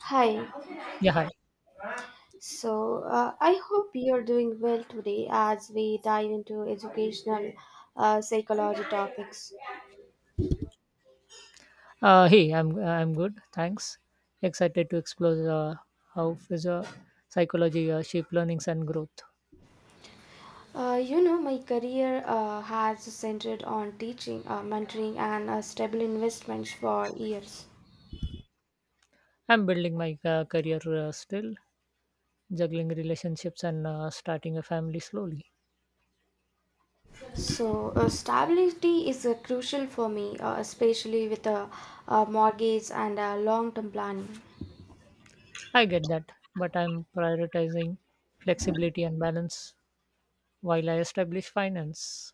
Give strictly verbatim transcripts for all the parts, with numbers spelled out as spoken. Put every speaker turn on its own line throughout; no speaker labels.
Hi.
Yeah, hi.
So, uh, I hope you're doing well today as we dive into educational uh, psychology topics.
Uh, hey, I'm I'm good. Thanks. Excited to explore uh, how physio psychology uh, shape learnings and growth.
Uh, you know, my career uh, has centered on teaching, uh, mentoring, and uh, stable investments for years.
I'm building my uh, career uh, still, juggling relationships and uh, starting a family slowly.
So, uh, stability is uh, crucial for me, uh, especially with a uh, mortgage and uh, long term planning.
I get that, but I'm prioritizing flexibility and balance while I establish finance.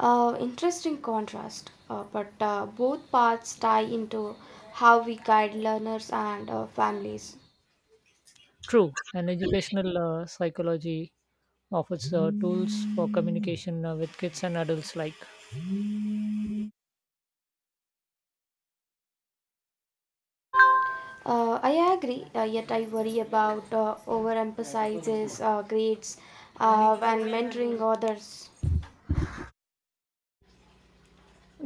Uh, interesting contrast, uh, but uh, both paths tie into how we guide learners and uh, families.
True, and educational uh, psychology offers uh, tools for communication uh, with kids and adults alike.
Uh, I agree, uh, yet I worry about uh, overemphasizes uh, grades uh, and mentoring others.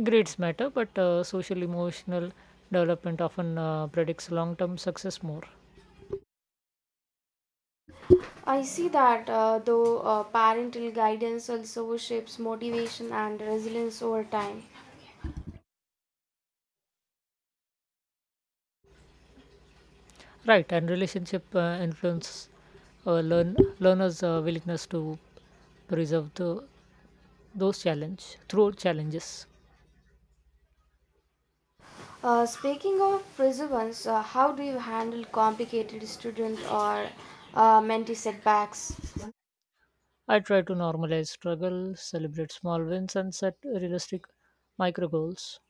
Grades matter, but uh, social emotional development often uh, predicts long term success more.
I see that uh, though uh, parental guidance also shapes motivation and resilience over time.
Right, and relationship uh, influence uh, learn learners' uh, willingness to preserve the, those challenge through challenges.
Uh, speaking of perseverance, uh, how do you handle complicated student or uh, mentee setbacks?
I try to normalize struggle, celebrate small wins, and set realistic micro goals.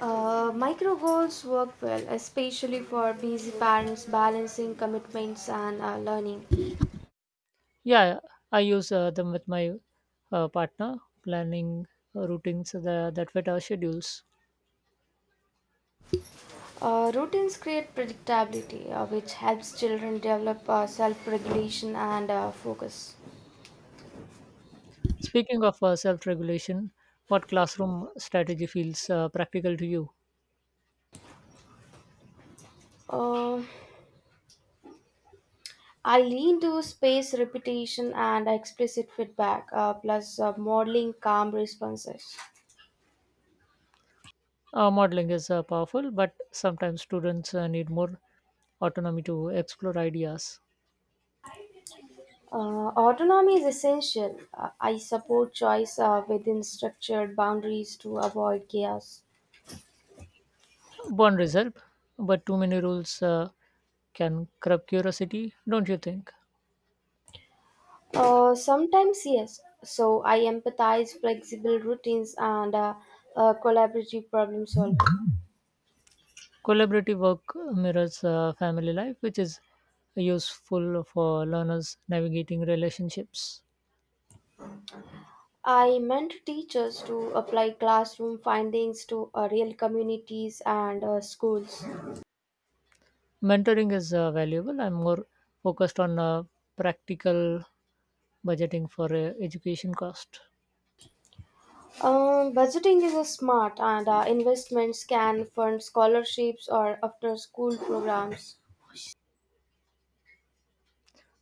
Uh, micro goals work well, especially for busy parents balancing commitments and uh, learning.
Yeah, I use uh, them with my uh, partner, planning uh, routines that, that fit our schedules.
Uh, routines create predictability, uh, which helps children develop uh, self regulation and uh, focus.
Speaking of uh, self regulation, what classroom strategy feels uh, practical to you?
Uh, I lean to space repetition and explicit feedback, uh, plus uh, modeling calm responses.
Uh, modeling is uh, powerful, but sometimes students uh, need more autonomy to explore ideas.
Uh, autonomy is essential. Uh, I support choice uh, within structured boundaries to avoid chaos.
Boundaries help, but too many rules uh, can curb curiosity, don't you think?
Uh, sometimes yes. So I empathize flexible routines and uh, uh, collaborative problem solving.
Collaborative work mirrors uh, family life, which is useful for learners navigating relationships.
I mentor teachers to apply classroom findings to uh, real communities and uh, schools.
Mentoring is uh, valuable. I'm more focused on uh, practical budgeting for uh, education cost.
Um, budgeting is a smart, and uh, investments can fund scholarships or after-school programs.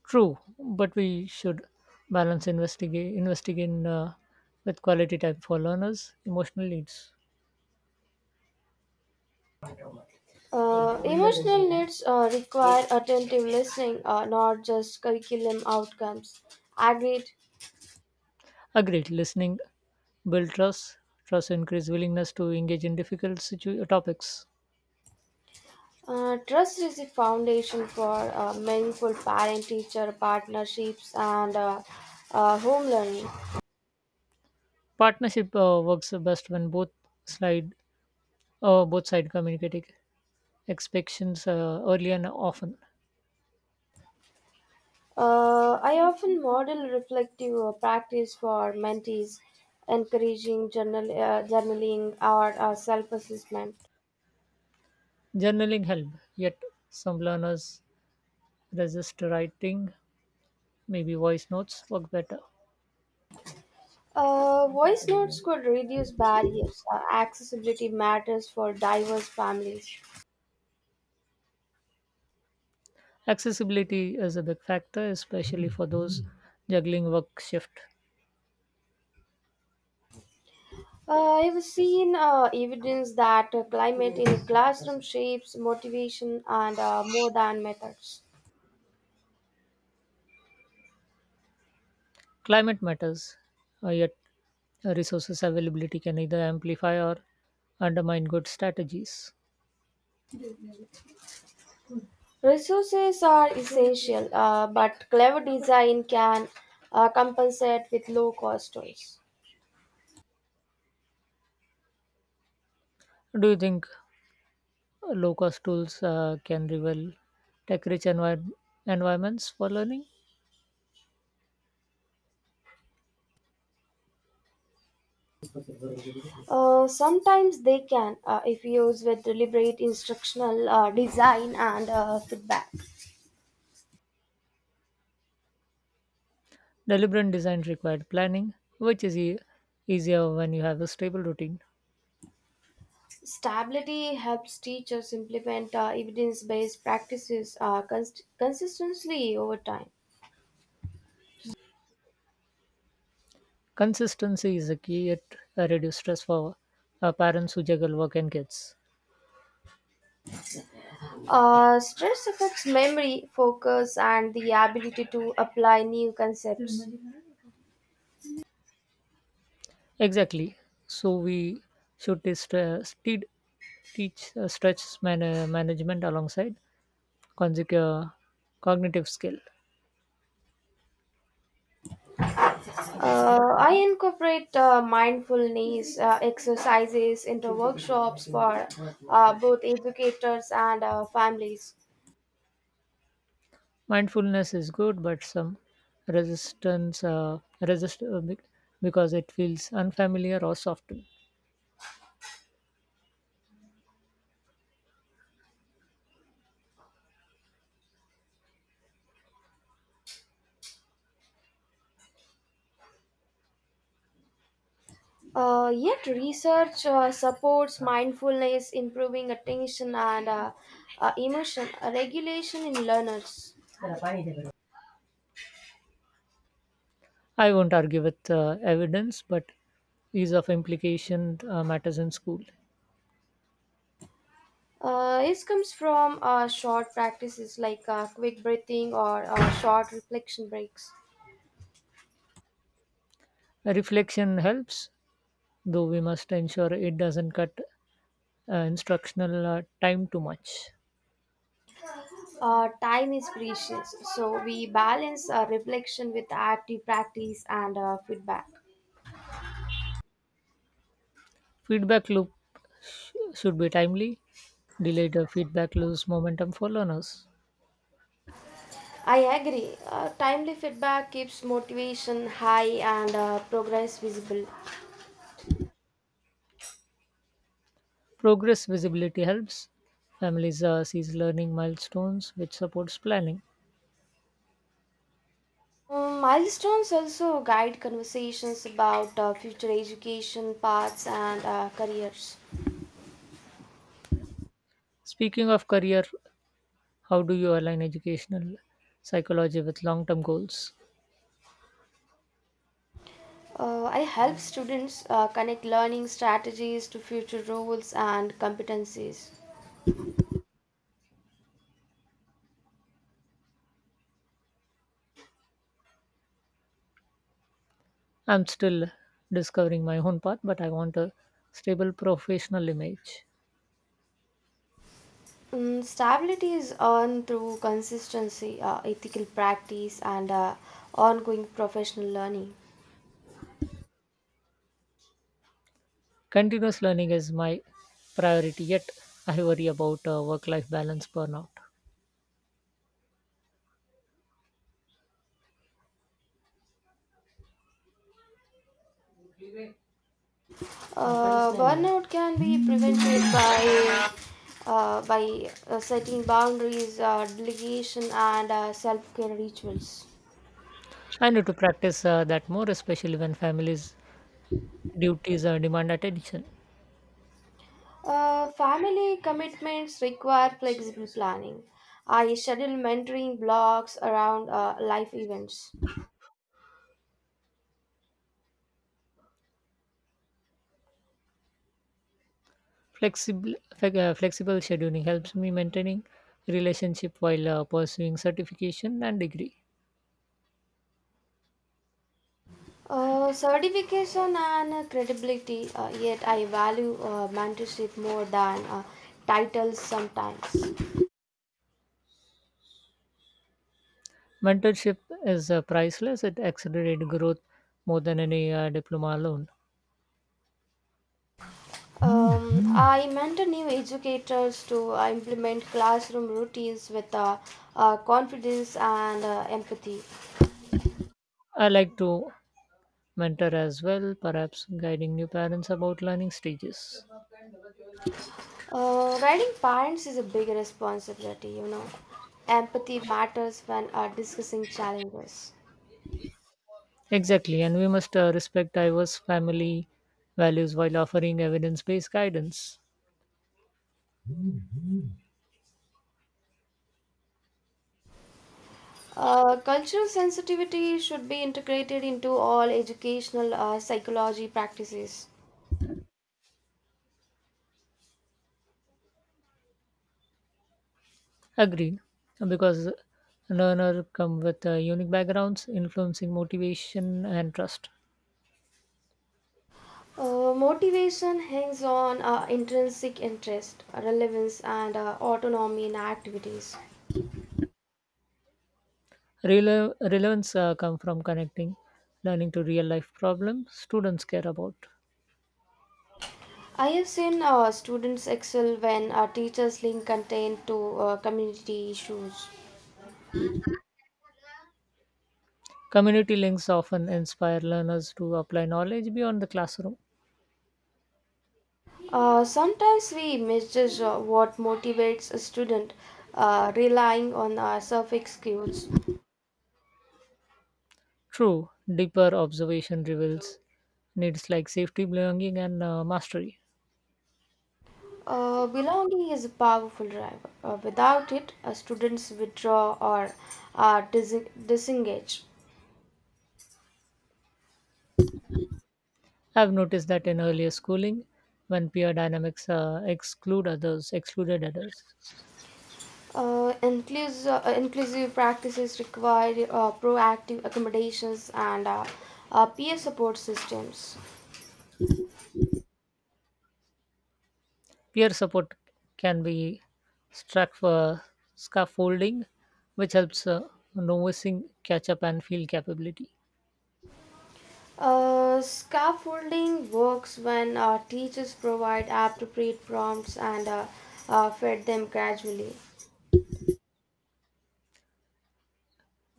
True, but we should balance investigate investing in uh, with quality time for learners' emotional needs.
Uh, emotional needs uh, require attentive listening, uh, not just curriculum outcomes. Agreed.
Agreed. Listening build trust. Trust increase willingness to engage in difficult situ- uh, topics.
Uh, trust is the foundation for uh, meaningful parent teacher partnerships and uh, uh, home learning.
Partnership uh, works best when both slide uh, both side communicate ex- expectations uh, early and often.
Uh, I often model reflective uh, practice for mentees, encouraging journal, uh, journaling or uh, self assessment.
Journaling helps, yet some learners resist writing. Maybe voice notes work better.
Uh, voice notes could reduce barriers. Uh, accessibility matters for diverse families.
Accessibility is a big factor, especially for those juggling work shift.
Uh, I've seen uh, evidence that uh, climate in classroom shapes motivation and uh, more than methods.
Climate matters, uh, yet uh, resources availability can either amplify or undermine good strategies.
Resources are essential, uh, but clever design can uh, compensate with low cost tools.
Do you think low cost tools uh, can rival tech rich envi- environments for learning?
Uh, sometimes they can, uh, if used with deliberate instructional uh, design and uh, feedback.
Deliberate design required planning, which is e- easier when you have a stable routine.
Stability helps teachers implement uh, evidence based practices uh, cons- consistently over time.
Consistency is a key at uh, reduce stress for uh, parents who juggle work and kids.
Uh, stress affects memory, focus, and the ability to apply new concepts.
Exactly. So we should test, uh, steed- teach uh, stretch man- uh, management alongside consecu- uh, cognitive skill.
Uh, I incorporate uh, mindfulness uh, exercises into workshops for uh, both educators and uh, families.
Mindfulness is good, but some resistance uh, resist uh, bec- because it feels unfamiliar or softened.
Uh, yet, research uh, supports mindfulness improving attention and uh, uh, emotion uh, regulation in learners.
I won't argue with uh, evidence, but ease of implication uh, matters in school.
Uh, this comes from uh, short practices like uh, quick breathing or uh, short reflection breaks.
Reflection helps, though we must ensure it doesn't cut uh, instructional uh, time too much.
Uh, time is precious, so we balance uh, reflection with active practice and uh, feedback.
Feedback loop should be timely. Delayed uh, feedback loses momentum for learners.
I agree. Uh, timely feedback keeps motivation high and uh, progress visible.
Progress visibility helps. Families uh, sees learning milestones, which supports planning.
Um, milestones also guide conversations about uh, future education paths and uh, careers.
Speaking of career, how do you align educational psychology with long-term goals?
Uh, I help students uh, connect learning strategies to future roles and competencies.
I'm still discovering my own path, but I want a stable professional image.
Mm, stability is earned through consistency, uh, ethical practice, and uh, ongoing professional learning.
Continuous learning is my priority, yet I worry about uh, work life balance burnout.
Uh, burnout can be prevented by uh, by uh, setting boundaries, uh, delegation, and uh, self care rituals.
I need to practice uh, that more, especially when families' duties uh, demand attention.
Uh, family commitments require flexible planning. I schedule mentoring blocks around uh, life events.
Flexible, flex- uh, flexible scheduling helps me maintaining relationship while uh, pursuing certification and degree.
Uh, certification and credibility, uh, yet I value uh, mentorship more than uh, titles sometimes.
Mentorship is uh, priceless. It accelerates growth more than any uh, diploma alone.
Um, I mentor new educators to uh, implement classroom routines with uh, uh, confidence and uh, empathy.
I like to mentor as well, perhaps guiding new parents about learning stages.
Uh, guiding parents is a big responsibility, you know. Empathy matters when uh, discussing challenges.
Exactly, and we must uh, respect diverse family values while offering evidence based guidance.
Uh, cultural sensitivity should be integrated into all educational uh, psychology practices.
Agreed, because learners come with uh, unique backgrounds, influencing motivation and trust.
Uh, motivation hangs on uh, intrinsic interest, relevance, and uh, autonomy in activities.
Rele- relevance uh, come from connecting learning to real life problems students care about.
I have seen uh, students excel when uh, teachers link content to uh, community issues.
Community links often inspire learners to apply knowledge beyond the classroom.
Uh, sometimes we misjudge uh, what motivates a student, uh, relying on uh, surface cues.
True, deeper observation reveals needs like safety, belonging, and uh, mastery.
Uh, belonging is a powerful driver. Uh, without it, uh, students withdraw or uh, dis- disengage.
I've noticed that in earlier schooling, when peer dynamics uh, exclude others, excluded others,
Uh, inclus- uh, inclusive practices require uh, proactive accommodations and uh, uh, peer support systems.
peer support can be struck for scaffolding, which helps uh, novices catch up and feel capability.
Uh, scaffolding works when uh, teachers provide appropriate prompts and uh, uh, fed them gradually.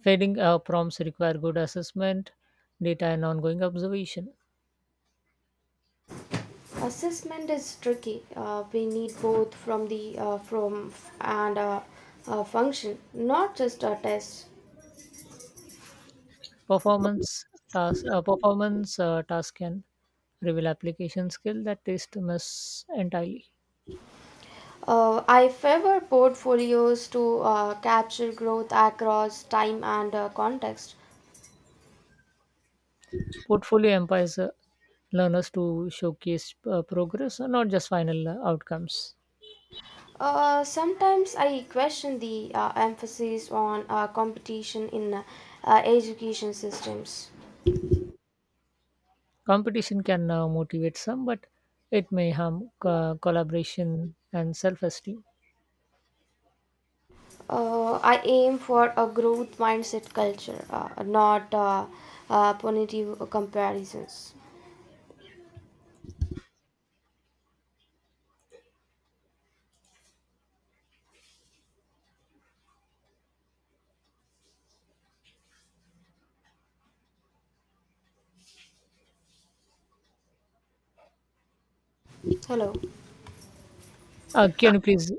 Failing uh, prompts require good assessment, data, and ongoing observation.
Assessment is tricky. Uh, we need both from the uh, from and uh, uh, function, not just a test.
Performance task, uh, performance uh, task can reveal application skill that is to miss entirely.
Uh, I favor portfolios to uh, capture growth across time and uh, context.
Portfolio empowers uh, learners to showcase uh, progress, uh, not just final uh, outcomes.
Uh, sometimes I question the uh, emphasis on uh, competition in uh, uh, education systems.
Competition can uh, motivate some, but it may harm co- collaboration and self esteem.
Uh, I aim for a growth mindset culture, uh, not uh, uh, punitive comparisons. Hello,
Uh, can you please?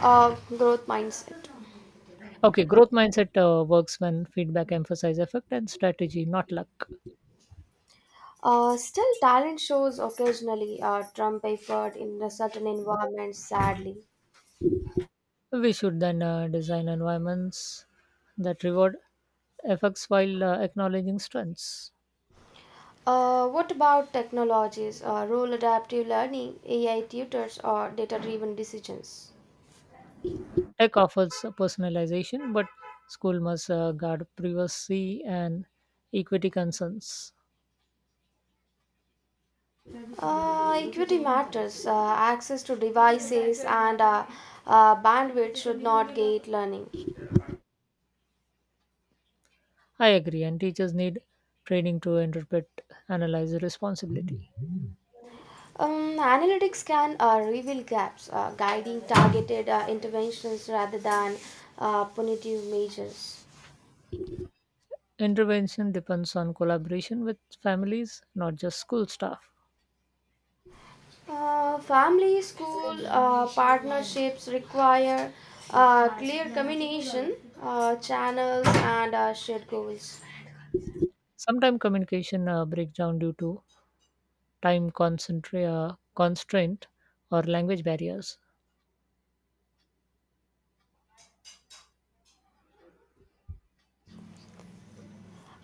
uh, growth mindset.
Okay, growth mindset uh, works when feedback emphasizes effect and strategy, not luck.
Uh, still, talent shows occasionally. Uh, Trump effort in a certain environment, sadly.
We should then uh, design environments that reward effects while uh, acknowledging strengths.
Uh, what about technologies, uh, role adaptive learning, A I tutors, or data driven decisions?
Tech offers personalization, but school must uh, guard privacy and equity concerns.
Uh, equity matters. Uh, access to devices and uh, uh, bandwidth should not gate learning.
I agree, and teachers need training to interpret, analyze responsibility.
Um, analytics can uh, reveal gaps, uh, guiding targeted uh, interventions rather than uh, punitive measures.
Intervention depends on collaboration with families, not just school staff.
Uh, family, school, uh, partnerships require uh, clear communication, uh, channels, and uh, shared goals.
Sometimes communication uh, breaks down due to time concentra- uh, constraint or language barriers.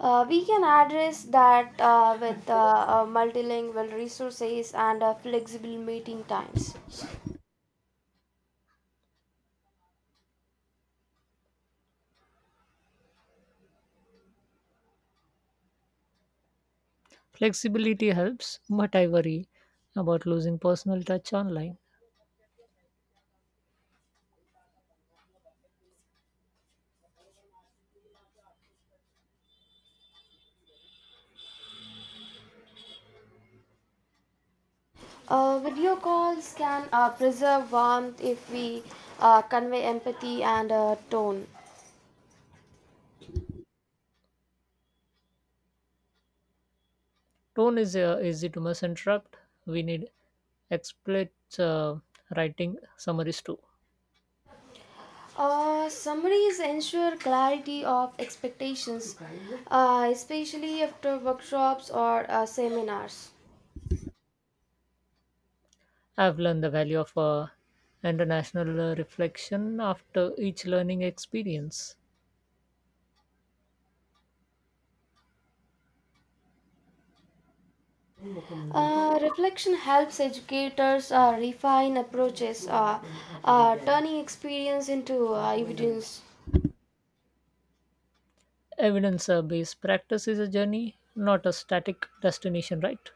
Uh, we can address that uh, with uh, uh, multilingual resources and uh, flexible meeting times.
Flexibility helps, but I worry about losing personal touch online.
Uh, video calls can uh, preserve warmth if we uh, convey empathy and uh, tone.
Tone is uh, easy to misinterpret. We need explicit uh, writing summaries too.
Uh, summaries ensure clarity of expectations, uh, especially after workshops or uh, seminars.
I've learned the value of uh, international uh, reflection after each learning experience.
Uh, reflection helps educators uh, refine approaches, uh, uh, turning experience into uh, evidence.
Evidence based practice is a journey, not a static destination, right?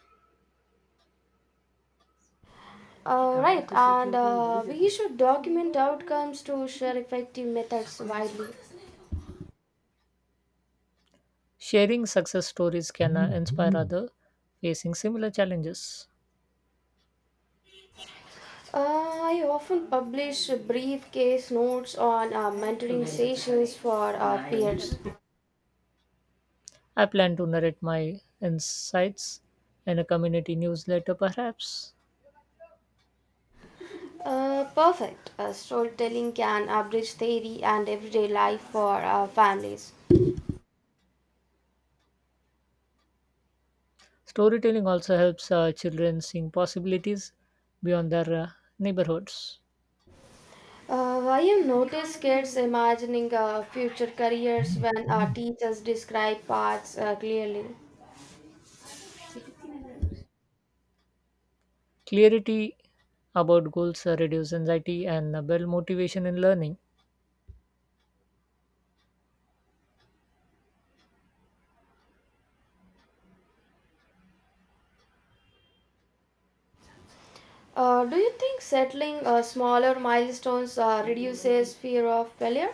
Uh, right, and uh, we should document outcomes to share effective methods widely.
Sharing success stories can uh, inspire others facing similar challenges.
Uh, I often publish brief case notes on uh, mentoring sessions for uh, peers.
I plan to narrate my insights in a community newsletter, perhaps.
Uh, perfect. Uh, storytelling can abridge theory and everyday life for uh, families.
Storytelling also helps uh, children seeing possibilities beyond their uh, neighborhoods.
Uh, why you notice kids imagining uh, future careers when uh, teachers describe paths uh, clearly?
Clarity about goals uh, reduce anxiety and uh, build motivation in learning.
Uh, do you think settling uh, smaller milestones uh, reduces fear of failure?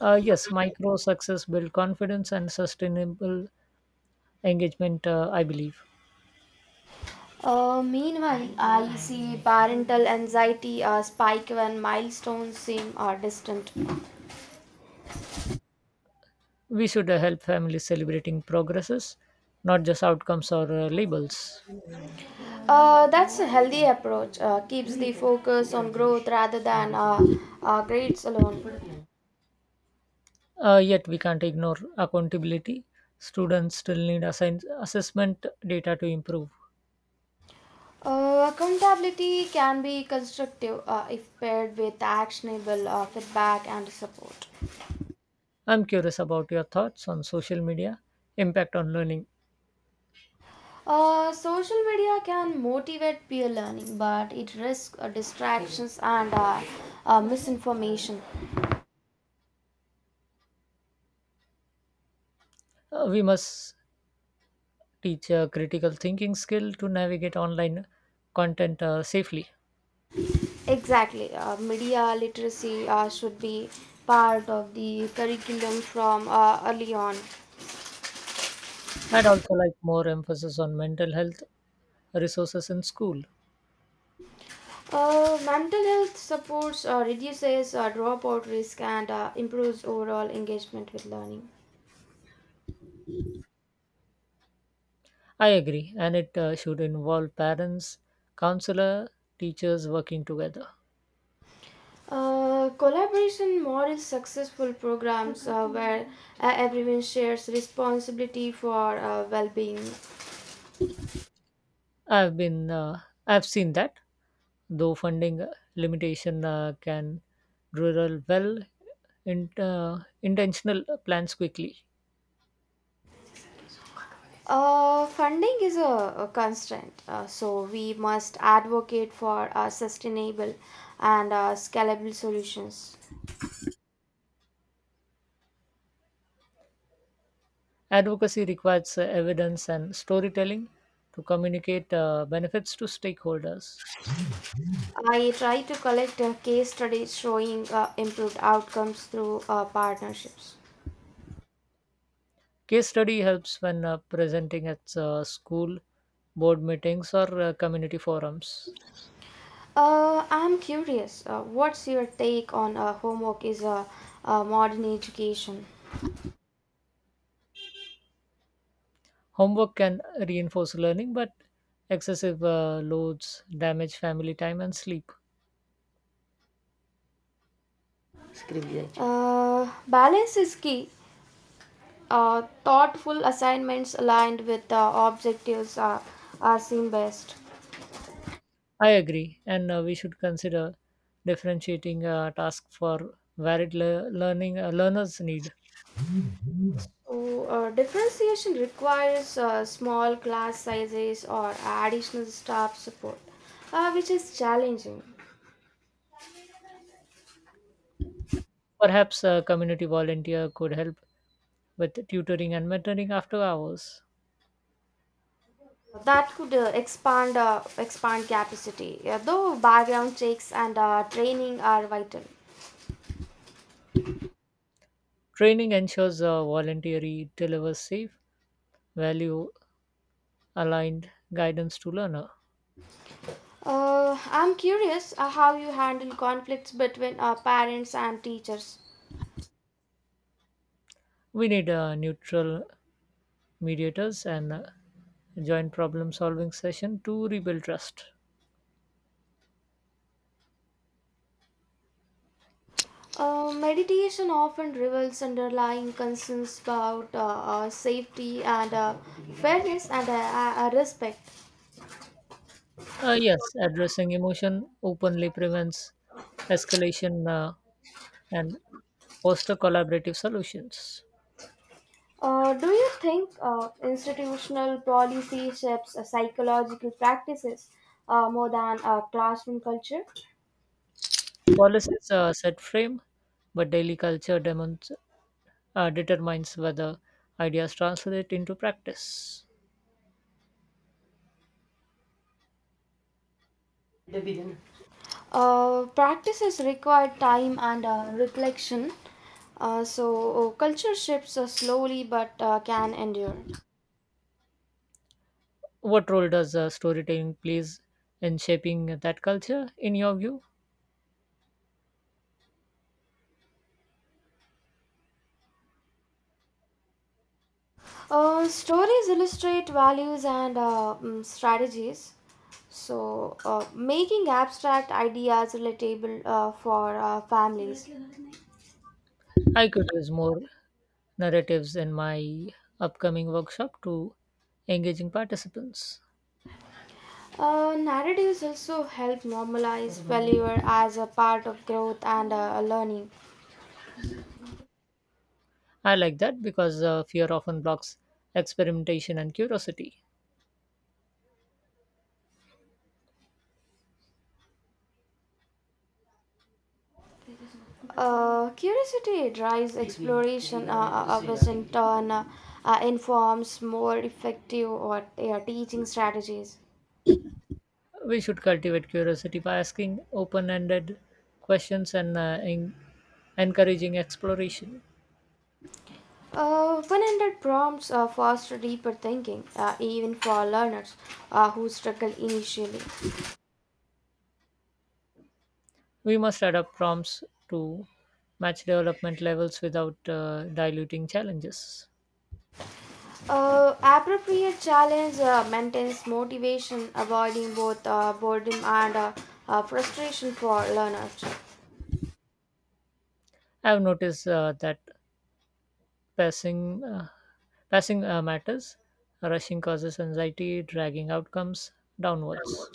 Uh, yes, micro success build confidence and sustainable engagement. Uh, I believe
Uh, meanwhile, I see parental anxiety uh, spike when milestones seem uh, distant.
we should uh, help families celebrating progresses, not just outcomes or uh, labels.
Uh, that's a healthy approach. Uh, keeps the focus on growth rather than uh, uh, grades alone.
Uh, yet we can't ignore accountability. Students still need assign- assessment data to improve.
Uh, accountability can be constructive uh, if paired with actionable uh, feedback and support.
I'm curious about your thoughts on social media impact on learning.
Uh, social media can motivate peer learning, but it risks uh, distractions and uh, uh, misinformation.
Uh, we must teach a critical thinking skill to navigate online content uh, safely.
Exactly. Uh, media literacy uh, should be part of the curriculum from uh, early on.
I'd also like more emphasis on mental health resources in school.
Uh, mental health supports uh, reduces uh, dropout risk and uh, improves overall engagement with learning.
I agree, and it uh, should involve parents, counselor, teachers working together.
Uh, collaboration models successful programs uh, where uh, everyone shares responsibility for uh, well-being.
I've been uh, I've seen that though funding limitation uh, can derail well in, uh, intentional plans quickly.
Uh, funding is a, a constraint, uh, so we must advocate for uh, sustainable and uh, scalable solutions.
Advocacy requires uh, evidence and storytelling to communicate uh, benefits to stakeholders.
I try to collect uh, case studies showing uh, improved outcomes through uh, partnerships.
Case study helps when uh, presenting at uh, school, board meetings, or uh, community forums.
Uh, I'm curious, uh, what's your take on uh, homework is a, a modern education?
Homework can reinforce learning, but excessive uh, loads damage family time and sleep.
Screen design. Uh, balance is key. Uh, thoughtful assignments aligned with uh, objectives are, are seen best.
I agree, and uh, we should consider differentiating uh, tasks for varied le- learning uh, learners need.
So, uh, differentiation requires uh, small class sizes or additional staff support, uh, which is challenging.
Perhaps a community volunteer could help with tutoring and mentoring after hours.
That could uh, expand uh, expand capacity. Uh, though background checks and uh, training are vital.
Training ensures a voluntary delivers safe, value aligned guidance to learner.
Uh, I'm curious uh, how you handle conflicts between uh, parents and teachers.
We need uh, neutral mediators and uh, joint problem solving session to rebuild trust.
Uh, meditation often reveals underlying concerns about uh, uh, safety and uh, fairness and uh, uh, uh, respect.
Uh, yes, addressing emotion openly prevents escalation uh, and foster collaborative solutions.
Uh, do you think uh, institutional policy shapes uh, psychological practices uh, more than uh, classroom culture?
Policies uh, set frame, but daily culture demon- uh, determines whether ideas translate into practice.
Uh, practices require time and uh, reflection. Uh, so, uh, culture shifts uh, slowly but uh, can endure.
What role does uh, storytelling plays in shaping that culture, in your view?
Uh, stories illustrate values and uh, mm, strategies. So, uh, making abstract ideas relatable uh, for uh, families.
I could use more narratives in my upcoming workshop to engaging participants.
Uh, narratives also help normalize failure as a part of growth and uh, learning.
I like that because uh, fear often blocks experimentation and curiosity.
Uh, curiosity drives exploration, uh, uh, uh, which in turn uh, uh, informs more effective or uh, teaching strategies.
We should cultivate curiosity by asking open ended questions and uh, en- encouraging exploration.
Uh, one hundred prompts uh, foster deeper thinking, uh, even for learners uh, who struggle initially.
We must adapt prompts to match development levels without uh, diluting challenges.
Uh, appropriate challenge uh, maintains motivation, avoiding both uh, boredom and uh, uh, frustration for learners.
I have noticed uh, that passing uh, passing uh, matters. Rushing causes anxiety, dragging outcomes downwards.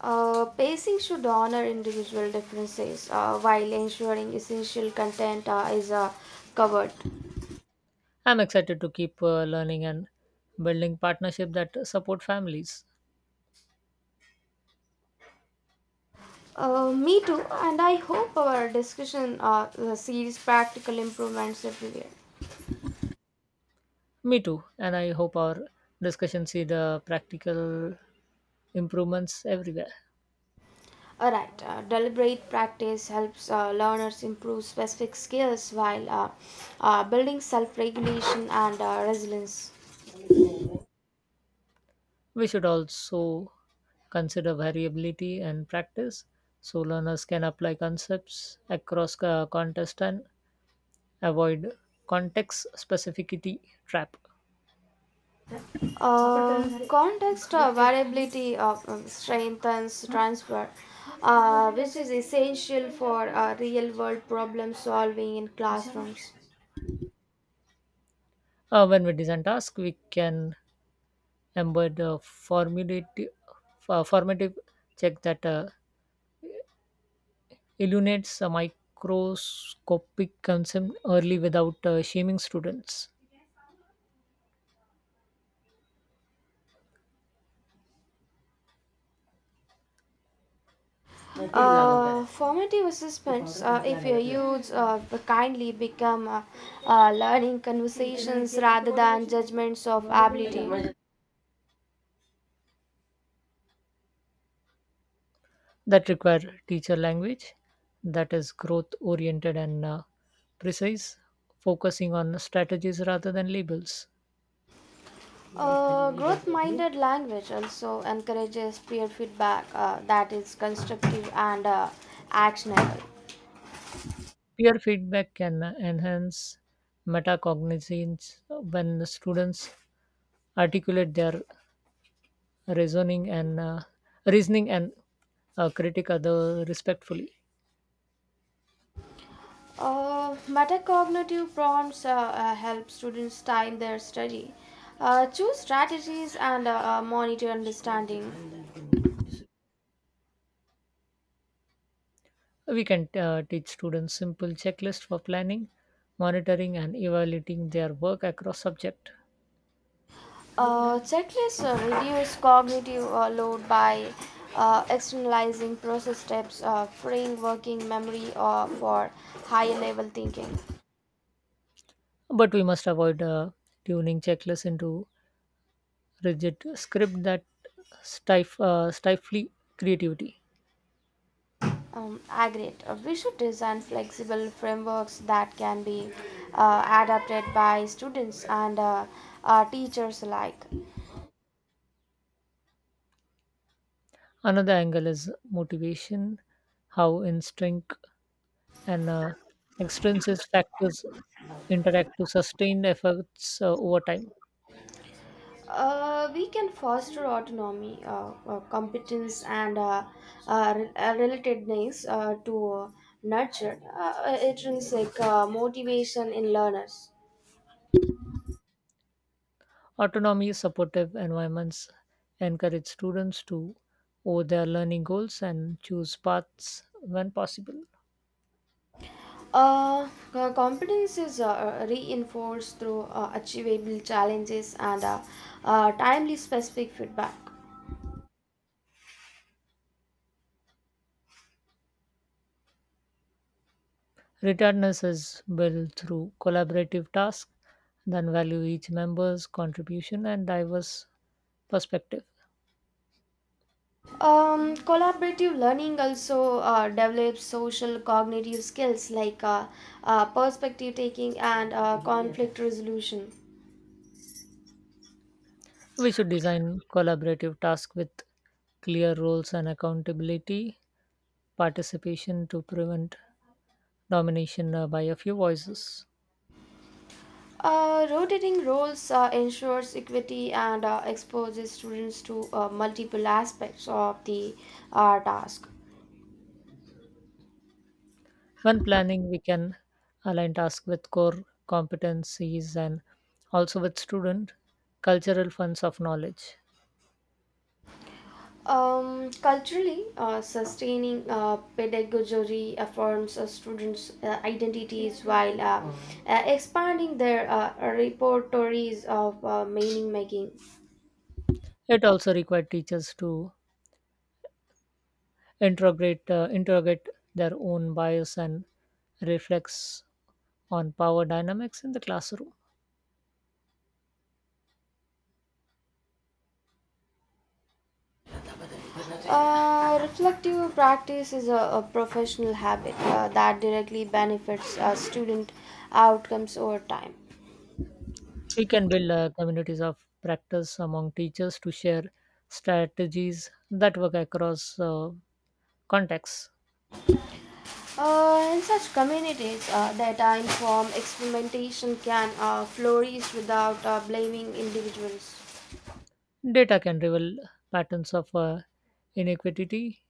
Uh, pacing should honor individual differences uh, while ensuring essential content uh, is uh, covered.
I'm excited to keep uh, learning and building partnership that support families.
Uh, me too, and I hope our discussion uh, uh, sees practical improvements everywhere.
Me too, and I hope our discussion see the practical improvements everywhere.
Alright, uh, deliberate practice helps uh, learners improve specific skills while uh, uh, building self regulation and uh, resilience.
We should also consider variability and practice so learners can apply concepts across uh, context and avoid context specificity trap.
Uh, context of variability of um, strength transfer, uh, which is essential for uh, real world problem solving in classrooms.
Uh, when we design tasks, we can embed a formative, uh, formative check that uh, illuminates a microscopic concept early without uh, shaming students.
Uh, formative assessments, uh, if you use uh, kindly, become uh, uh, learning conversations rather than judgments of ability.
That require teacher language that is growth oriented and uh, precise, focusing on strategies rather than labels.
Uh, growth minded language also encourages peer feedback uh, that is constructive and uh, actionable.
Peer feedback can enhance metacognizance when students articulate their reasoning and uh, reasoning and uh, critic other respectfully.
Uh, metacognitive prompts uh, uh, help students time their study, uh, choose strategies, and uh, uh, monitor understanding.
We can uh, teach students simple checklist for planning, monitoring, and evaluating their work across subject.
Uh, checklists uh, reduce cognitive uh, load by uh, externalizing process steps, uh, freeing working memory uh, for higher level thinking.
But we must avoid uh, tuning checklists into rigid script that stif- uh, stifle creativity.
Um, aggregate. Uh, we should design flexible frameworks that can be uh, adapted by students and uh, uh, teachers alike.
Another angle is motivation, how instinct and uh, extrinsic factors interact to sustain efforts uh, over time.
Uh, we can foster autonomy, uh, uh, competence, and uh, uh, re- uh, relatedness uh, to uh, nurture uh, uh, intrinsic uh, motivation in learners.
Autonomy, supportive environments encourage students to own their learning goals and choose paths when possible.
Uh, uh, competence is uh, uh, reinforced through uh, achievable challenges and uh, uh, timely specific feedback.
Returnness is built through collaborative tasks that value each member's contribution and diverse perspective.
Um, collaborative learning also uh, develops social cognitive skills like uh, uh, perspective taking and uh, conflict resolution.
We should design collaborative tasks with clear roles and accountability, participation to prevent domination uh, by a few voices.
Uh, rotating roles uh, ensures equity and uh, exposes students to uh, multiple aspects of the uh, task.
When planning, we can align tasks with core competencies and also with student cultural funds of knowledge.
Um, culturally, uh, sustaining uh, pedagogy affirms uh, students' uh, identities while uh, Mhm. uh, expanding their uh, repertories of uh, meaning making.
It also required teachers to interrogate uh, interrogate their own bias and reflex on power dynamics in the classroom.
Uh, reflective practice is a, a professional habit uh, that directly benefits uh, student outcomes over time.
We can build uh, communities of practice among teachers to share strategies that work across uh, contexts.
Uh, in such communities, uh, data informed experimentation can uh, flourish without uh, blaming individuals.
Data can reveal patterns of uh, inequity,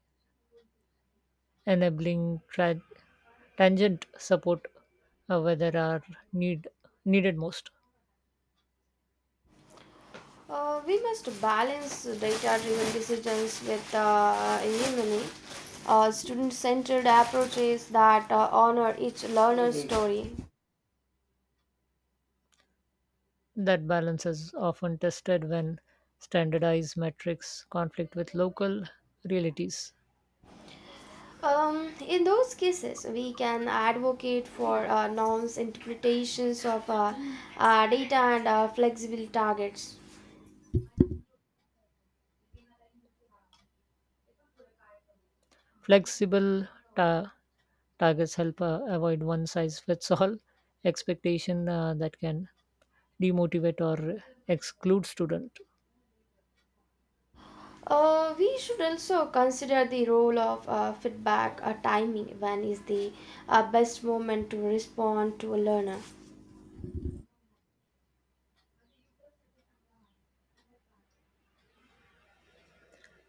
enabling tra- tangent support uh, where there are need needed most.
Uh, we must balance data driven decisions with uh, human uh, student centered approaches that uh, honor each learner's story.
That balance is often tested when standardized metrics conflict with local realities.
Um, in those cases, we can advocate for uh, norms, interpretations of uh, uh, data, and uh, flexible targets.
Flexible ta- targets help uh, avoid one size fits all expectation uh, that can demotivate or exclude student.
Uh, we should also consider the role of uh, feedback uh, timing. When is the uh, best moment to respond to a learner?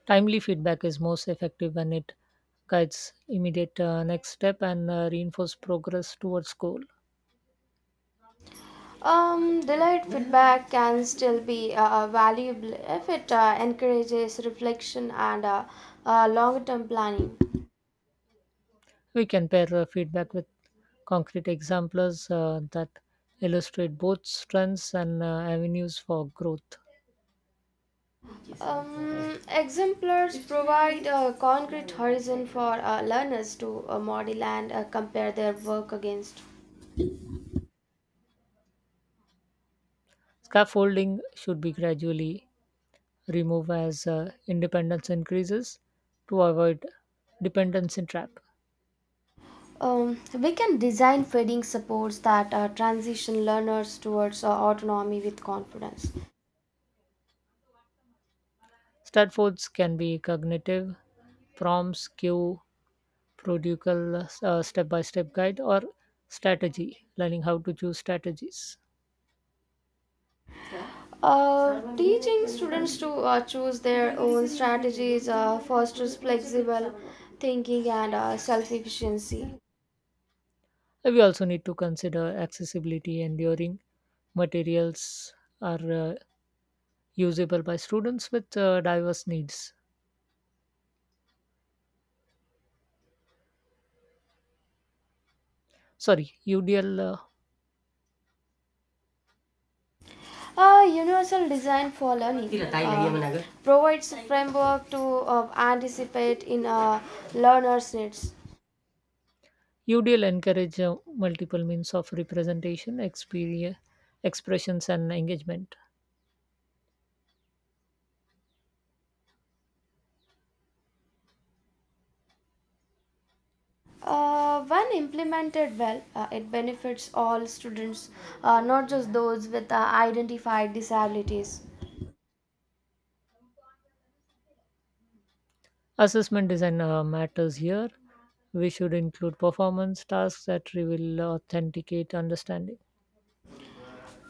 Timely feedback is most effective when it guides immediate uh, next step and uh, reinforce progress towards goal.
Um, delayed feedback can still be uh, uh, valuable if it uh, encourages reflection and uh, uh, longer term planning.
We can pair uh, feedback with concrete examples uh, that illustrate both strengths and uh, avenues for growth.
Um, exemplars provide a concrete horizon for uh, learners to uh, model and uh, compare their work against.
Scaffolding should be gradually removed as uh, independence increases to avoid dependency trap.
Um, we can design feeding supports that uh, transition learners towards uh, autonomy with confidence.
Stanfords can be cognitive, prompts, cue, prodigal step by step guide, or strategy, learning how to choose strategies.
Uh, teaching students to uh, choose their own strategies uh, fosters flexible thinking and uh, self efficiency.
We also need to consider accessibility, enduring materials are uh, usable by students with uh, diverse needs. Sorry, U D L uh,
Uh, universal design for learning uh, provides a framework to uh, anticipate in uh, learners' needs.
UDL encourage uh, multiple means of representation, experience, expressions, and engagement.
Uh, when implemented well, uh, it benefits all students, uh, not just those with uh, identified disabilities.
Assessment design uh, matters here. We should include performance tasks that reveal authenticate understanding.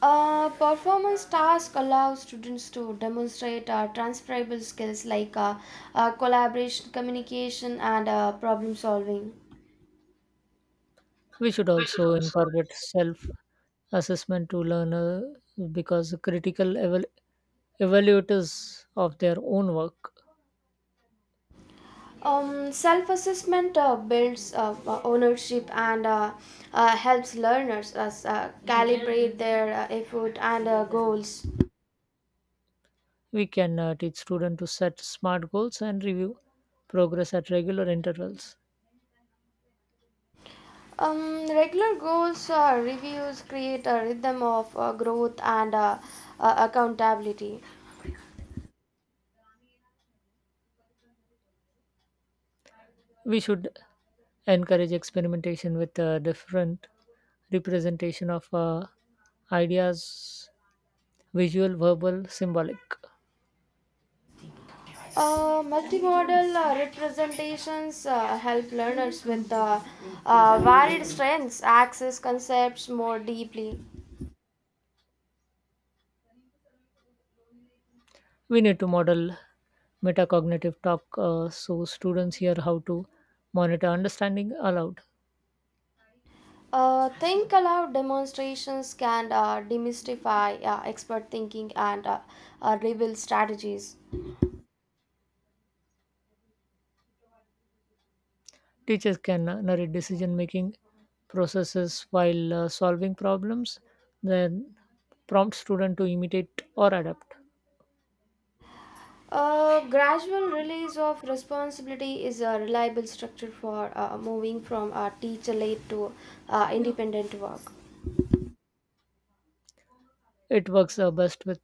Uh, performance task allows students to demonstrate uh, transferable skills like uh, uh, collaboration, communication, and uh, problem solving.
We should
We should
also incorporate self assessment to learner because critical eval- evaluators of their own work.
Um, Self assessment uh, builds uh, uh, ownership and uh, uh, helps learners uh, s- uh, calibrate their uh, effort and uh, goals.
We can uh, teach students to set SMART goals and review progress at regular intervals.
Um, regular goals uh, reviews create a rhythm of uh, growth and uh, uh, accountability.
We should encourage experimentation with uh, different representation of uh, ideas, visual verbal symbolic.
Uh, multimodal uh, representations uh, help learners with uh, uh, varied strengths access concepts more deeply.
We need to model metacognitive talk uh, so students hear how to monitor understanding aloud.
Uh, think aloud demonstrations can uh, demystify uh, expert thinking and uh, uh, reveal strategies.
Teachers can uh, narrate decision making processes while uh, solving problems, then prompt student to imitate or adapt.
A gradual release of responsibility is a reliable structure for uh, moving from uh, teacher led to uh, independent work.
It works uh, best with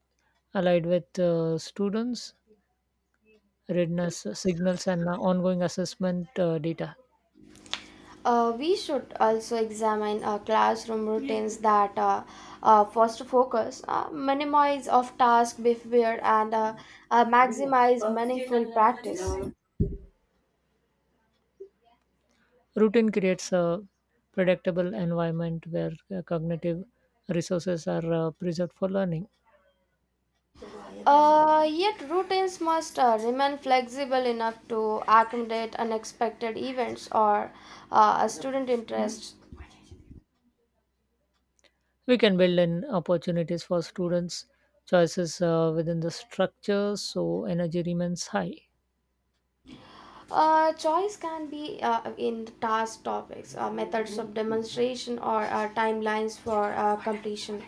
allied with uh, students, readiness signals, and uh, ongoing assessment uh, data.
Uh, we should also examine uh, classroom routines that uh, uh, foster focus, uh, minimize of task behavior, and uh, uh, maximize meaningful practice.
Routine creates a predictable environment where uh, cognitive resources are uh, preserved for learning.
Uh, yet routines must uh, remain flexible enough to accommodate unexpected events or uh, student interests.
We can build in opportunities for students' choices uh, within the structure so energy remains high.
Uh, choice can be uh, in task topics, uh, methods of demonstration, or uh, timelines for uh, completion.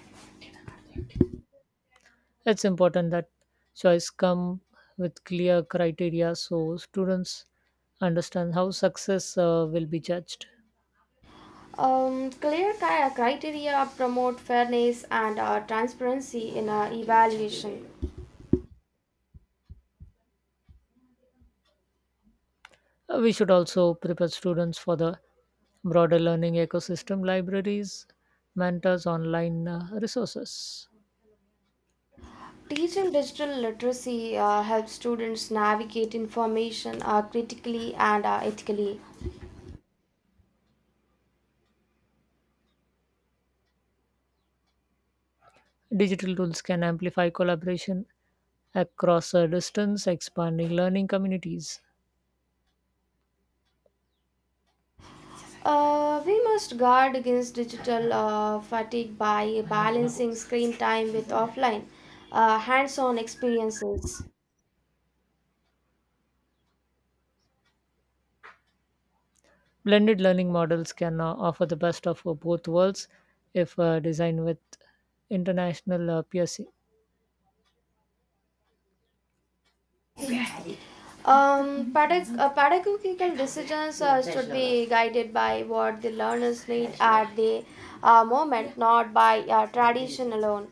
It's important that choice come with clear criteria so students understand how success uh, will be judged.
Um, clear cri- criteria promote fairness and uh, transparency in uh, evaluation.
Uh, we should also prepare students for the broader learning ecosystem, libraries, mentors, online uh, resources.
Teaching digital literacy uh, helps students navigate information uh, critically and uh, ethically.
Digital tools can amplify collaboration across a distance, expanding learning communities.
Uh, we must guard against digital uh, fatigue by balancing screen time with offline uh, hands on experiences.
Blended learning models can uh, offer the best of uh, both worlds if uh, designed with international uh, peers.
Um, pedag- uh, pedagogical decisions uh, should be guided by what the learners need at the uh, moment, not by uh, tradition alone.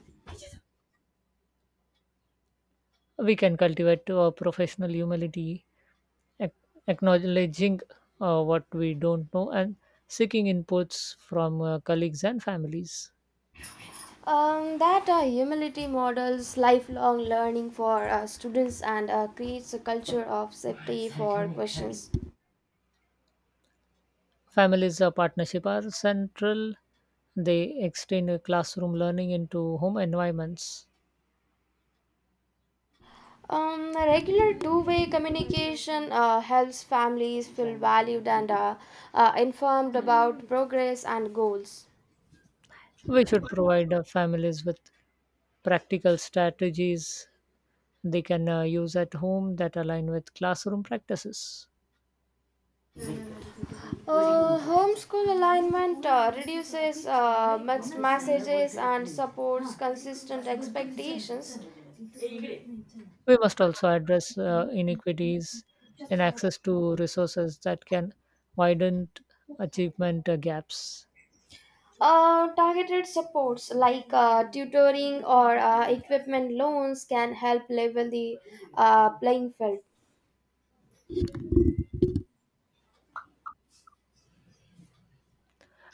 We can cultivate our professional humility, ac- acknowledging uh, what we don't know, and seeking inputs from uh, colleagues and families.
Um, that uh, humility models lifelong learning for uh, students and uh, creates a culture of safety for questions.
Families' uh, partnership are central. They extend uh, classroom learning into home environments.
Um, a regular two-way communication uh, helps families feel valued and uh, uh, informed about progress and goals.
We should provide uh, families with practical strategies they can uh, use at home that align with classroom practices.
Uh, homeschool alignment uh, reduces uh, mixed messages and supports consistent expectations.
We must also address uh, inequities in access to resources that can widen achievement uh, gaps.
Uh, targeted supports like uh, tutoring or uh, equipment loans can help level the uh, playing field.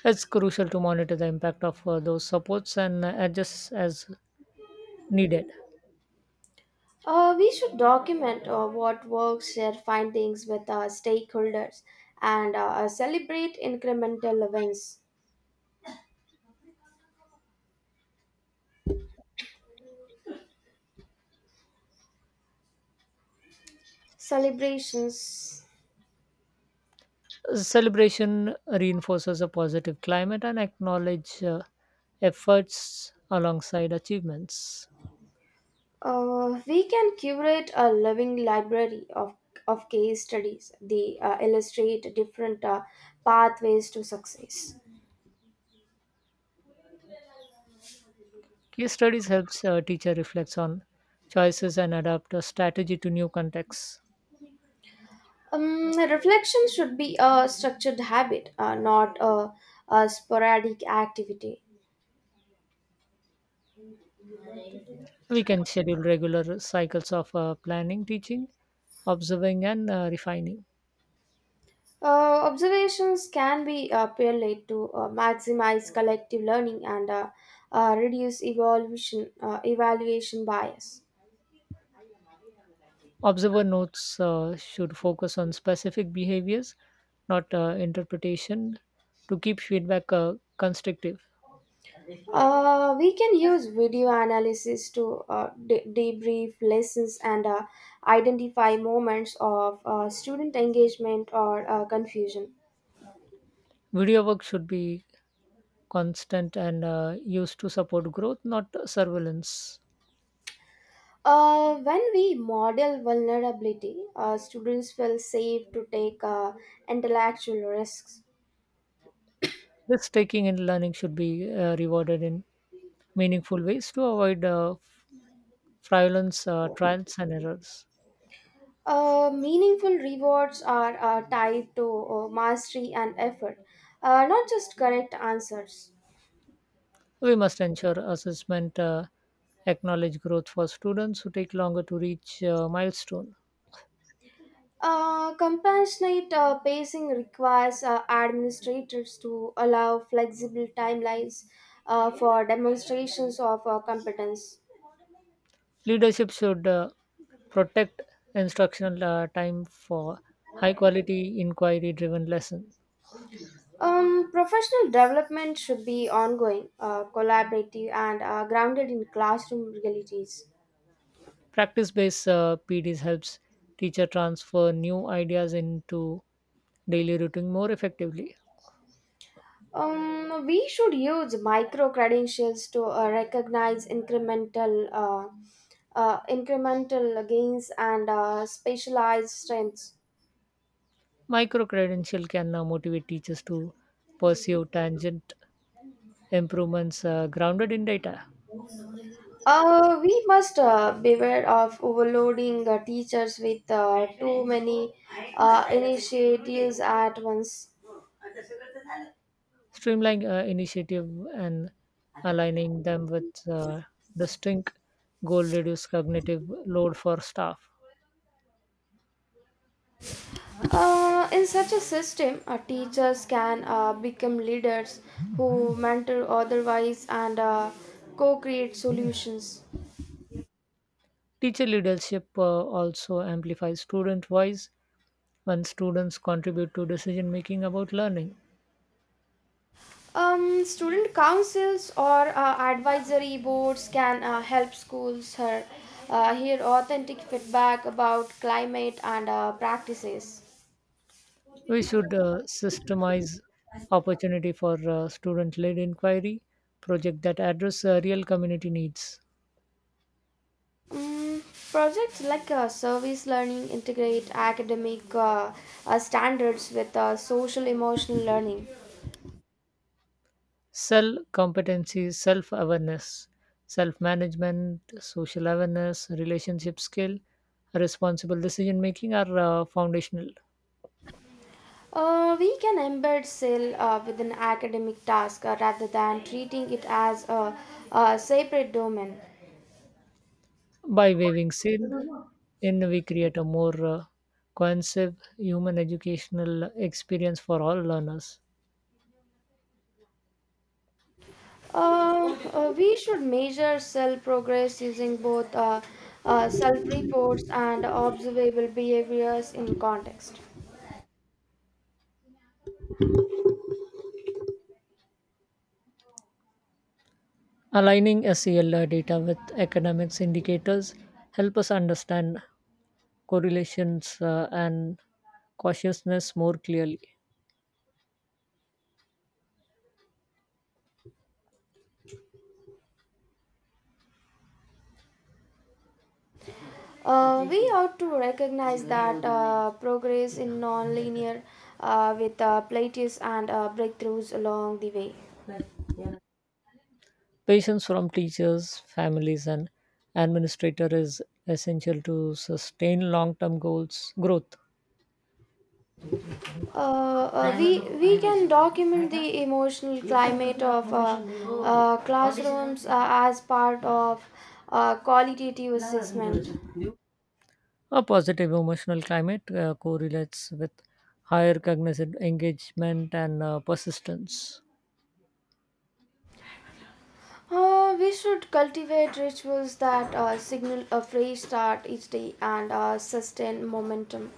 It's crucial to monitor the impact of uh, those supports and uh, adjust as needed.
Uh, we should document uh, what works, share findings with uh, stakeholders, and uh, celebrate incremental wins. Celebrations.
Celebration reinforces a positive climate and acknowledge uh, efforts alongside achievements.
Uh, we can curate a living library of, of case studies. They uh, illustrate different uh, pathways to success.
Case studies helps a teacher reflects on choices and adapt a strategy to new contexts.
Um, reflection should be a structured habit, uh, not a, a sporadic activity.
We can schedule regular cycles of uh, planning, teaching, observing, and uh, refining.
Uh, observations can be uh, paralleled to uh, maximize collective learning and uh, uh, reduce evolution, uh, evaluation bias.
Observer notes uh, should focus on specific behaviors, not uh, interpretation, to keep feedback uh, constructive.
Uh, we can use video analysis to uh, de- debrief lessons and uh, identify moments of uh, student engagement or uh, confusion.
Video work should be constant and uh, used to support growth, not surveillance.
Uh, when we model vulnerability, uh, students feel safe to take uh, intellectual risks.
Risk taking in learning should be uh, rewarded in meaningful ways to avoid uh, fraudulence, uh, trials, and errors.
Uh, meaningful rewards are uh, tied to uh, mastery and effort, uh, not just correct answers.
We must ensure assessment uh, acknowledge growth for students who take longer to reach uh, milestone.
Uh, compassionate uh, pacing requires uh, administrators to allow flexible timelines uh, for demonstrations of uh, competence.
Leadership should uh, protect instructional uh, time for high quality inquiry driven lesson.
Um, professional development should be ongoing, uh, collaborative, and uh, grounded in classroom realities.
Practice based uh, P Ds helps teacher transfer new ideas into daily routine more effectively.
Um, we should use micro credentials to uh, recognize incremental uh, uh, incremental gains and uh, specialized strengths.
Micro credential can now motivate teachers to pursue tangent improvements uh, grounded in data.
Uh, we must uh, beware of overloading uh, teachers with uh, too many uh, initiatives at once.
Streamlining uh, initiative and aligning them with uh, distinct goal reduce cognitive load for staff.
Uh, in such a system, uh, teachers can uh, become leaders who mentor otherwise and uh, co-create solutions.
Teacher leadership uh, also amplifies student voice when students contribute to decision making about learning.
Um, student councils or uh, advisory boards can uh, help schools hear, uh, hear authentic feedback about climate and uh, practices.
We should uh, systemize opportunity for uh, student led inquiry project that address uh, real community needs.
Mm, projects like uh, service learning integrate academic uh, uh, standards with uh, social emotional learning.
Self competency, self awareness, self management, social awareness, relationship skill, responsible decision making are uh, foundational.
Uh, we can embed S I L uh, within academic task uh, rather than treating it as a, a separate domain.
By waving seal in, we create a more uh, cohesive human educational experience for all learners.
Uh, uh, we should measure S I L progress using both uh, uh, self reports and observable behaviors in context.
Aligning S E L data with academics indicators help us understand correlations uh, and cautiousness more clearly.
Uh, we ought to recognize that uh, progress in nonlinear uh, with uh, plateaus and uh, breakthroughs along the way.
Patience from teachers, families, and administrators is essential to sustain long-term goals growth.
Uh, uh, we we can document the emotional climate of uh, uh, classrooms uh, as part of uh, qualitative assessment.
A positive emotional climate uh, correlates with higher cognitive engagement and uh, persistence.
Uh, we should cultivate rituals that uh, signal a fresh start each day and uh, sustain momentum.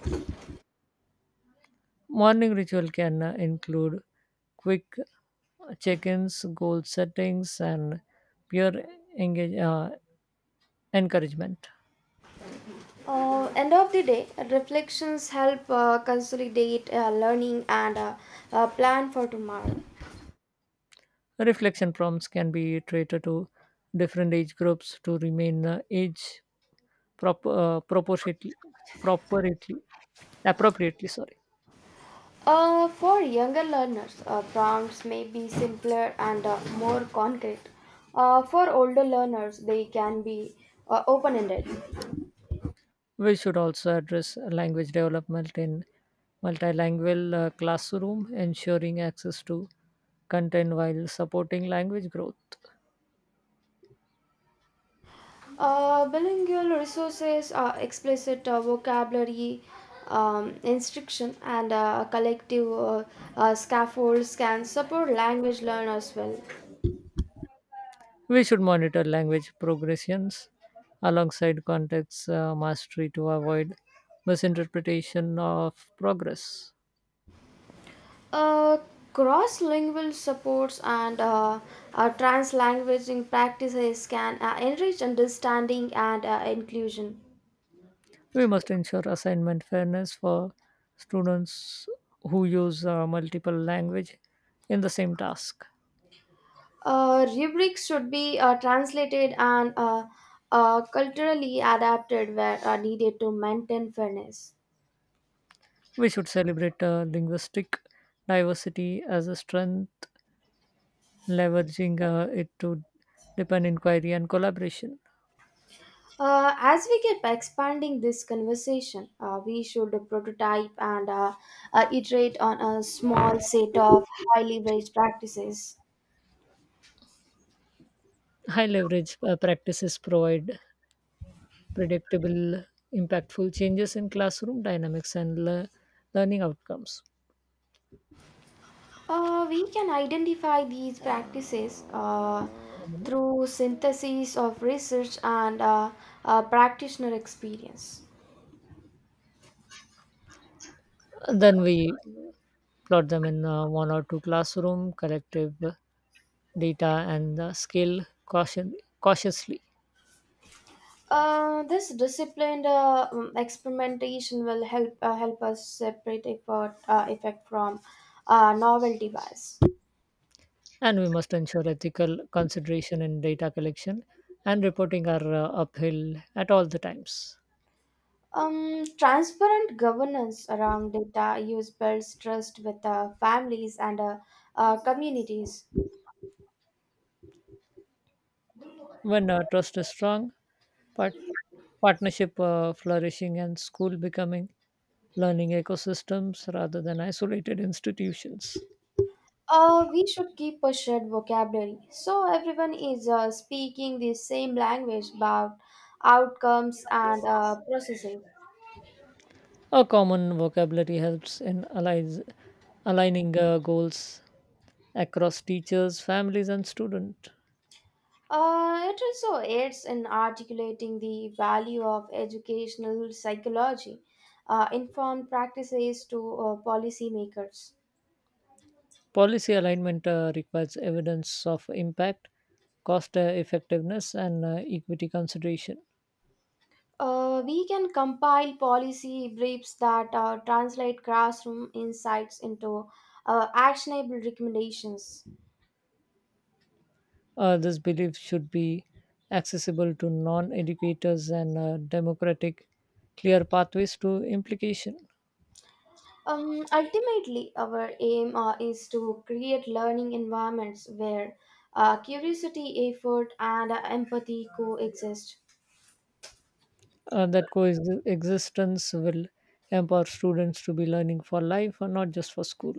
Morning ritual can uh, include quick check ins, goal settings, and peer engage, uh, encouragement.
Uh, end of the day, reflections help uh, consolidate uh, learning and uh, uh, plan for tomorrow.
Reflection prompts can be treated to different age groups to remain uh, age prop- uh, proportionately, properly, appropriately. Sorry.
Uh, for younger learners, uh, prompts may be simpler and uh, more concrete. Uh, for older learners, they can be uh, open ended.
We should also address language development in multilingual uh, classroom, ensuring access to content while supporting language growth.
Uh, bilingual resources, uh, explicit uh, vocabulary, um, instruction, and uh, collective uh, uh, scaffolds can support language learners well.
We should monitor language progressions alongside context uh, mastery to avoid misinterpretation of progress.
Uh, Cross-lingual supports and uh, uh, translanguaging practices can uh, enrich understanding and uh, inclusion.
We must ensure assignment fairness for students who use uh, multiple language in the same task.
Uh, rubrics should be uh, translated and uh, uh, culturally adapted where uh, needed to maintain fairness.
We should celebrate uh, linguistic diversity as a strength, leveraging uh, it to deepen inquiry and collaboration.
Uh, as we keep expanding this conversation, uh, we should prototype and uh, uh, iterate on a small set of highly raised practices.
High leverage uh, practices provide predictable, impactful changes in classroom dynamics and le- learning outcomes.
Uh, we can identify these practices uh, through synthesis of research and uh, uh, practitioner experience.
Then we plot them in uh, one or two classroom, collective data, and uh, scale caution- cautiously.
Uh, this disciplined uh, um, experimentation will help uh, help us separate effort, uh, effect from uh, novelty bias.
And we must ensure ethical consideration in data collection and reporting are uh, uphill at all the times.
Um, transparent governance around data use builds trust with uh, families and uh, uh, communities.
When uh, trust is strong, part- partnership uh, flourishing and school becoming learning ecosystems rather than isolated institutions.
Uh, we should keep a shared vocabulary so everyone is uh, speaking the same language about outcomes and uh, processes.
A common vocabulary helps in allies, aligning uh, goals across teachers, families, and students.
Uh, it also aids in articulating the value of educational psychology, uh, informed practices to uh, policymakers.
Policy alignment uh, requires evidence of impact, cost uh, effectiveness, and uh, equity consideration.
Uh, we can compile policy briefs that uh, translate classroom insights into uh, actionable recommendations.
Uh, this belief should be accessible to non educators and uh, democratic, clear pathways to implication.
Um, ultimately, our aim uh, is to create learning environments where uh, curiosity, effort, and uh, empathy coexist.
Uh, that coexistence will empower students to be learning for life and not just for school.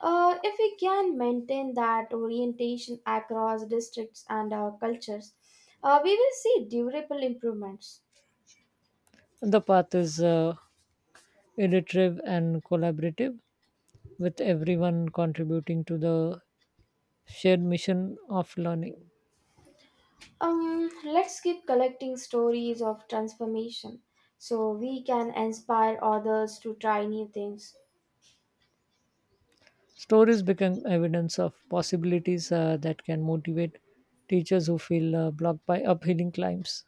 Uh, if we can maintain that orientation across districts and uh, cultures, uh, we will see durable improvements.
The path is uh, iterative and collaborative, with everyone contributing to the shared mission of learning.
Um, let's keep collecting stories of transformation so we can inspire others to try new things.
Stories become evidence of possibilities uh, that can motivate teachers who feel uh, blocked by uphill climbs.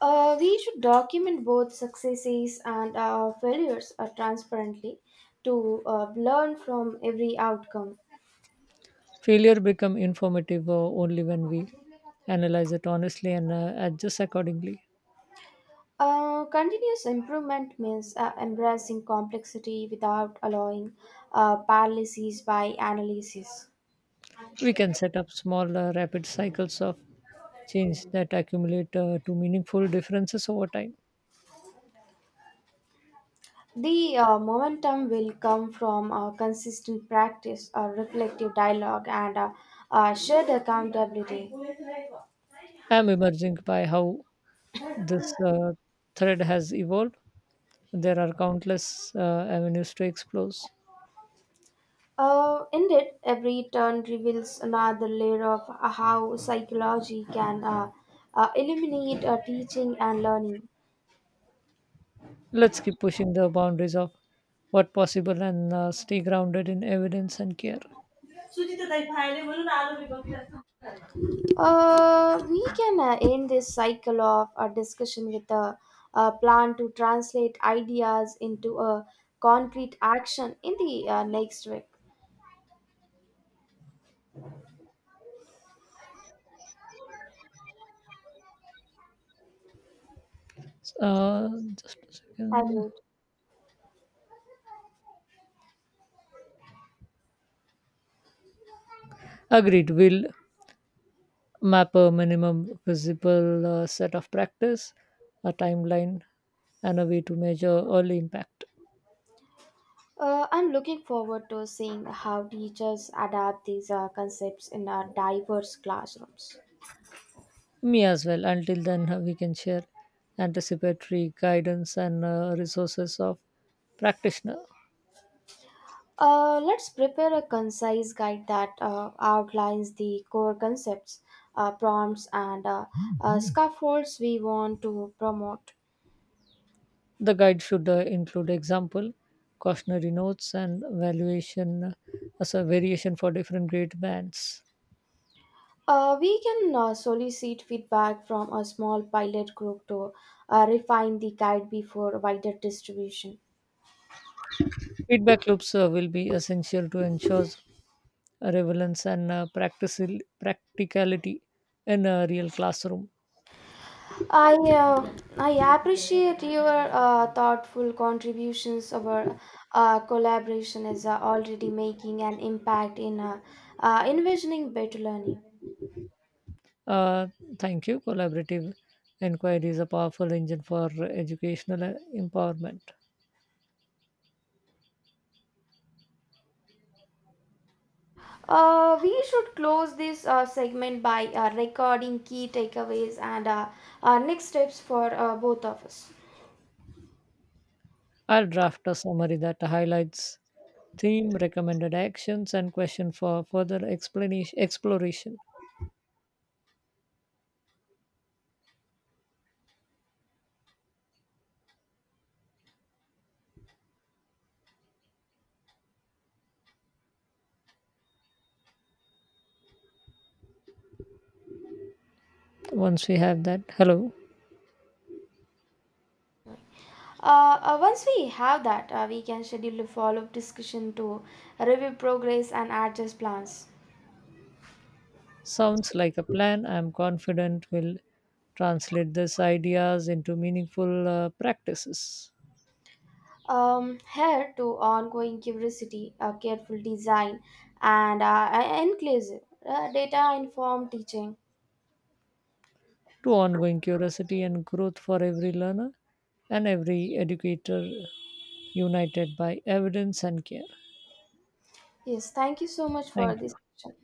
Uh, we should document both successes and uh, failures uh, transparently to uh, learn from every outcome.
Failure become informative uh, only when we analyze it honestly and uh, adjust accordingly.
Uh, continuous improvement means uh, embracing complexity without allowing uh, paralysis by analysis.
We can set up small, uh, rapid cycles of change that accumulate uh, to meaningful differences over time.
The uh, momentum will come from uh, consistent practice, uh, reflective dialogue, and uh, uh, shared accountability.
I'm emerging by how this uh, thread has evolved. There are countless uh, avenues to explore.
Uh, indeed, every turn reveals another layer of how psychology can uh, uh, illuminate uh, teaching and learning.
Let's keep pushing the boundaries of what possible and uh, stay grounded in evidence and care.
Uh, we can uh, end this cycle of a discussion with a, a plan to translate ideas into a concrete action in the uh, next week.
Uh, just a second.
Agreed.
Agreed. We'll map a minimum visible uh, set of practice, a timeline, and a way to measure early impact.
Uh, I'm looking forward to seeing how teachers adapt these uh, concepts in our diverse classrooms.
Me as well. Until then, uh, we can share anticipatory guidance and uh, resources of practitioner.
Uh, let's prepare a concise guide that uh, outlines the core concepts, uh, prompts, and uh, uh, scaffolds we want to promote.
The guide should uh, include example, cautionary notes, and valuation as a variation for different grade bands.
Uh, we can uh, solicit feedback from a small pilot group to uh, refine the guide before wider distribution.
Feedback loops uh, will be essential to ensure relevance and uh, practical- practicality in a real classroom.
I uh, I appreciate your uh, thoughtful contributions. Our uh, collaboration is uh, already making an impact in uh, uh, envisioning better learning.
Uh, Thank you. Collaborative inquiry is a powerful engine for educational uh, empowerment.
Uh, we should close this uh, segment by uh, recording key takeaways and uh, uh, next steps for uh, both of us.
I'll draft a summary that highlights theme, recommended actions, and question for further explanation exploration. Once we have that, hello,
Uh, uh, once we have that, uh, we can schedule a follow-up discussion to review progress and adjust plans.
sounds like a plan. I'm confident we'll translate these ideas into meaningful uh, practices
Um, here to ongoing curiosity, a careful design, and uh, inclusive uh, data informed teaching.
to ongoing curiosity and growth for every learner and every educator united by evidence and care.
Yes, thank you so much for
Thank
this
you.
session.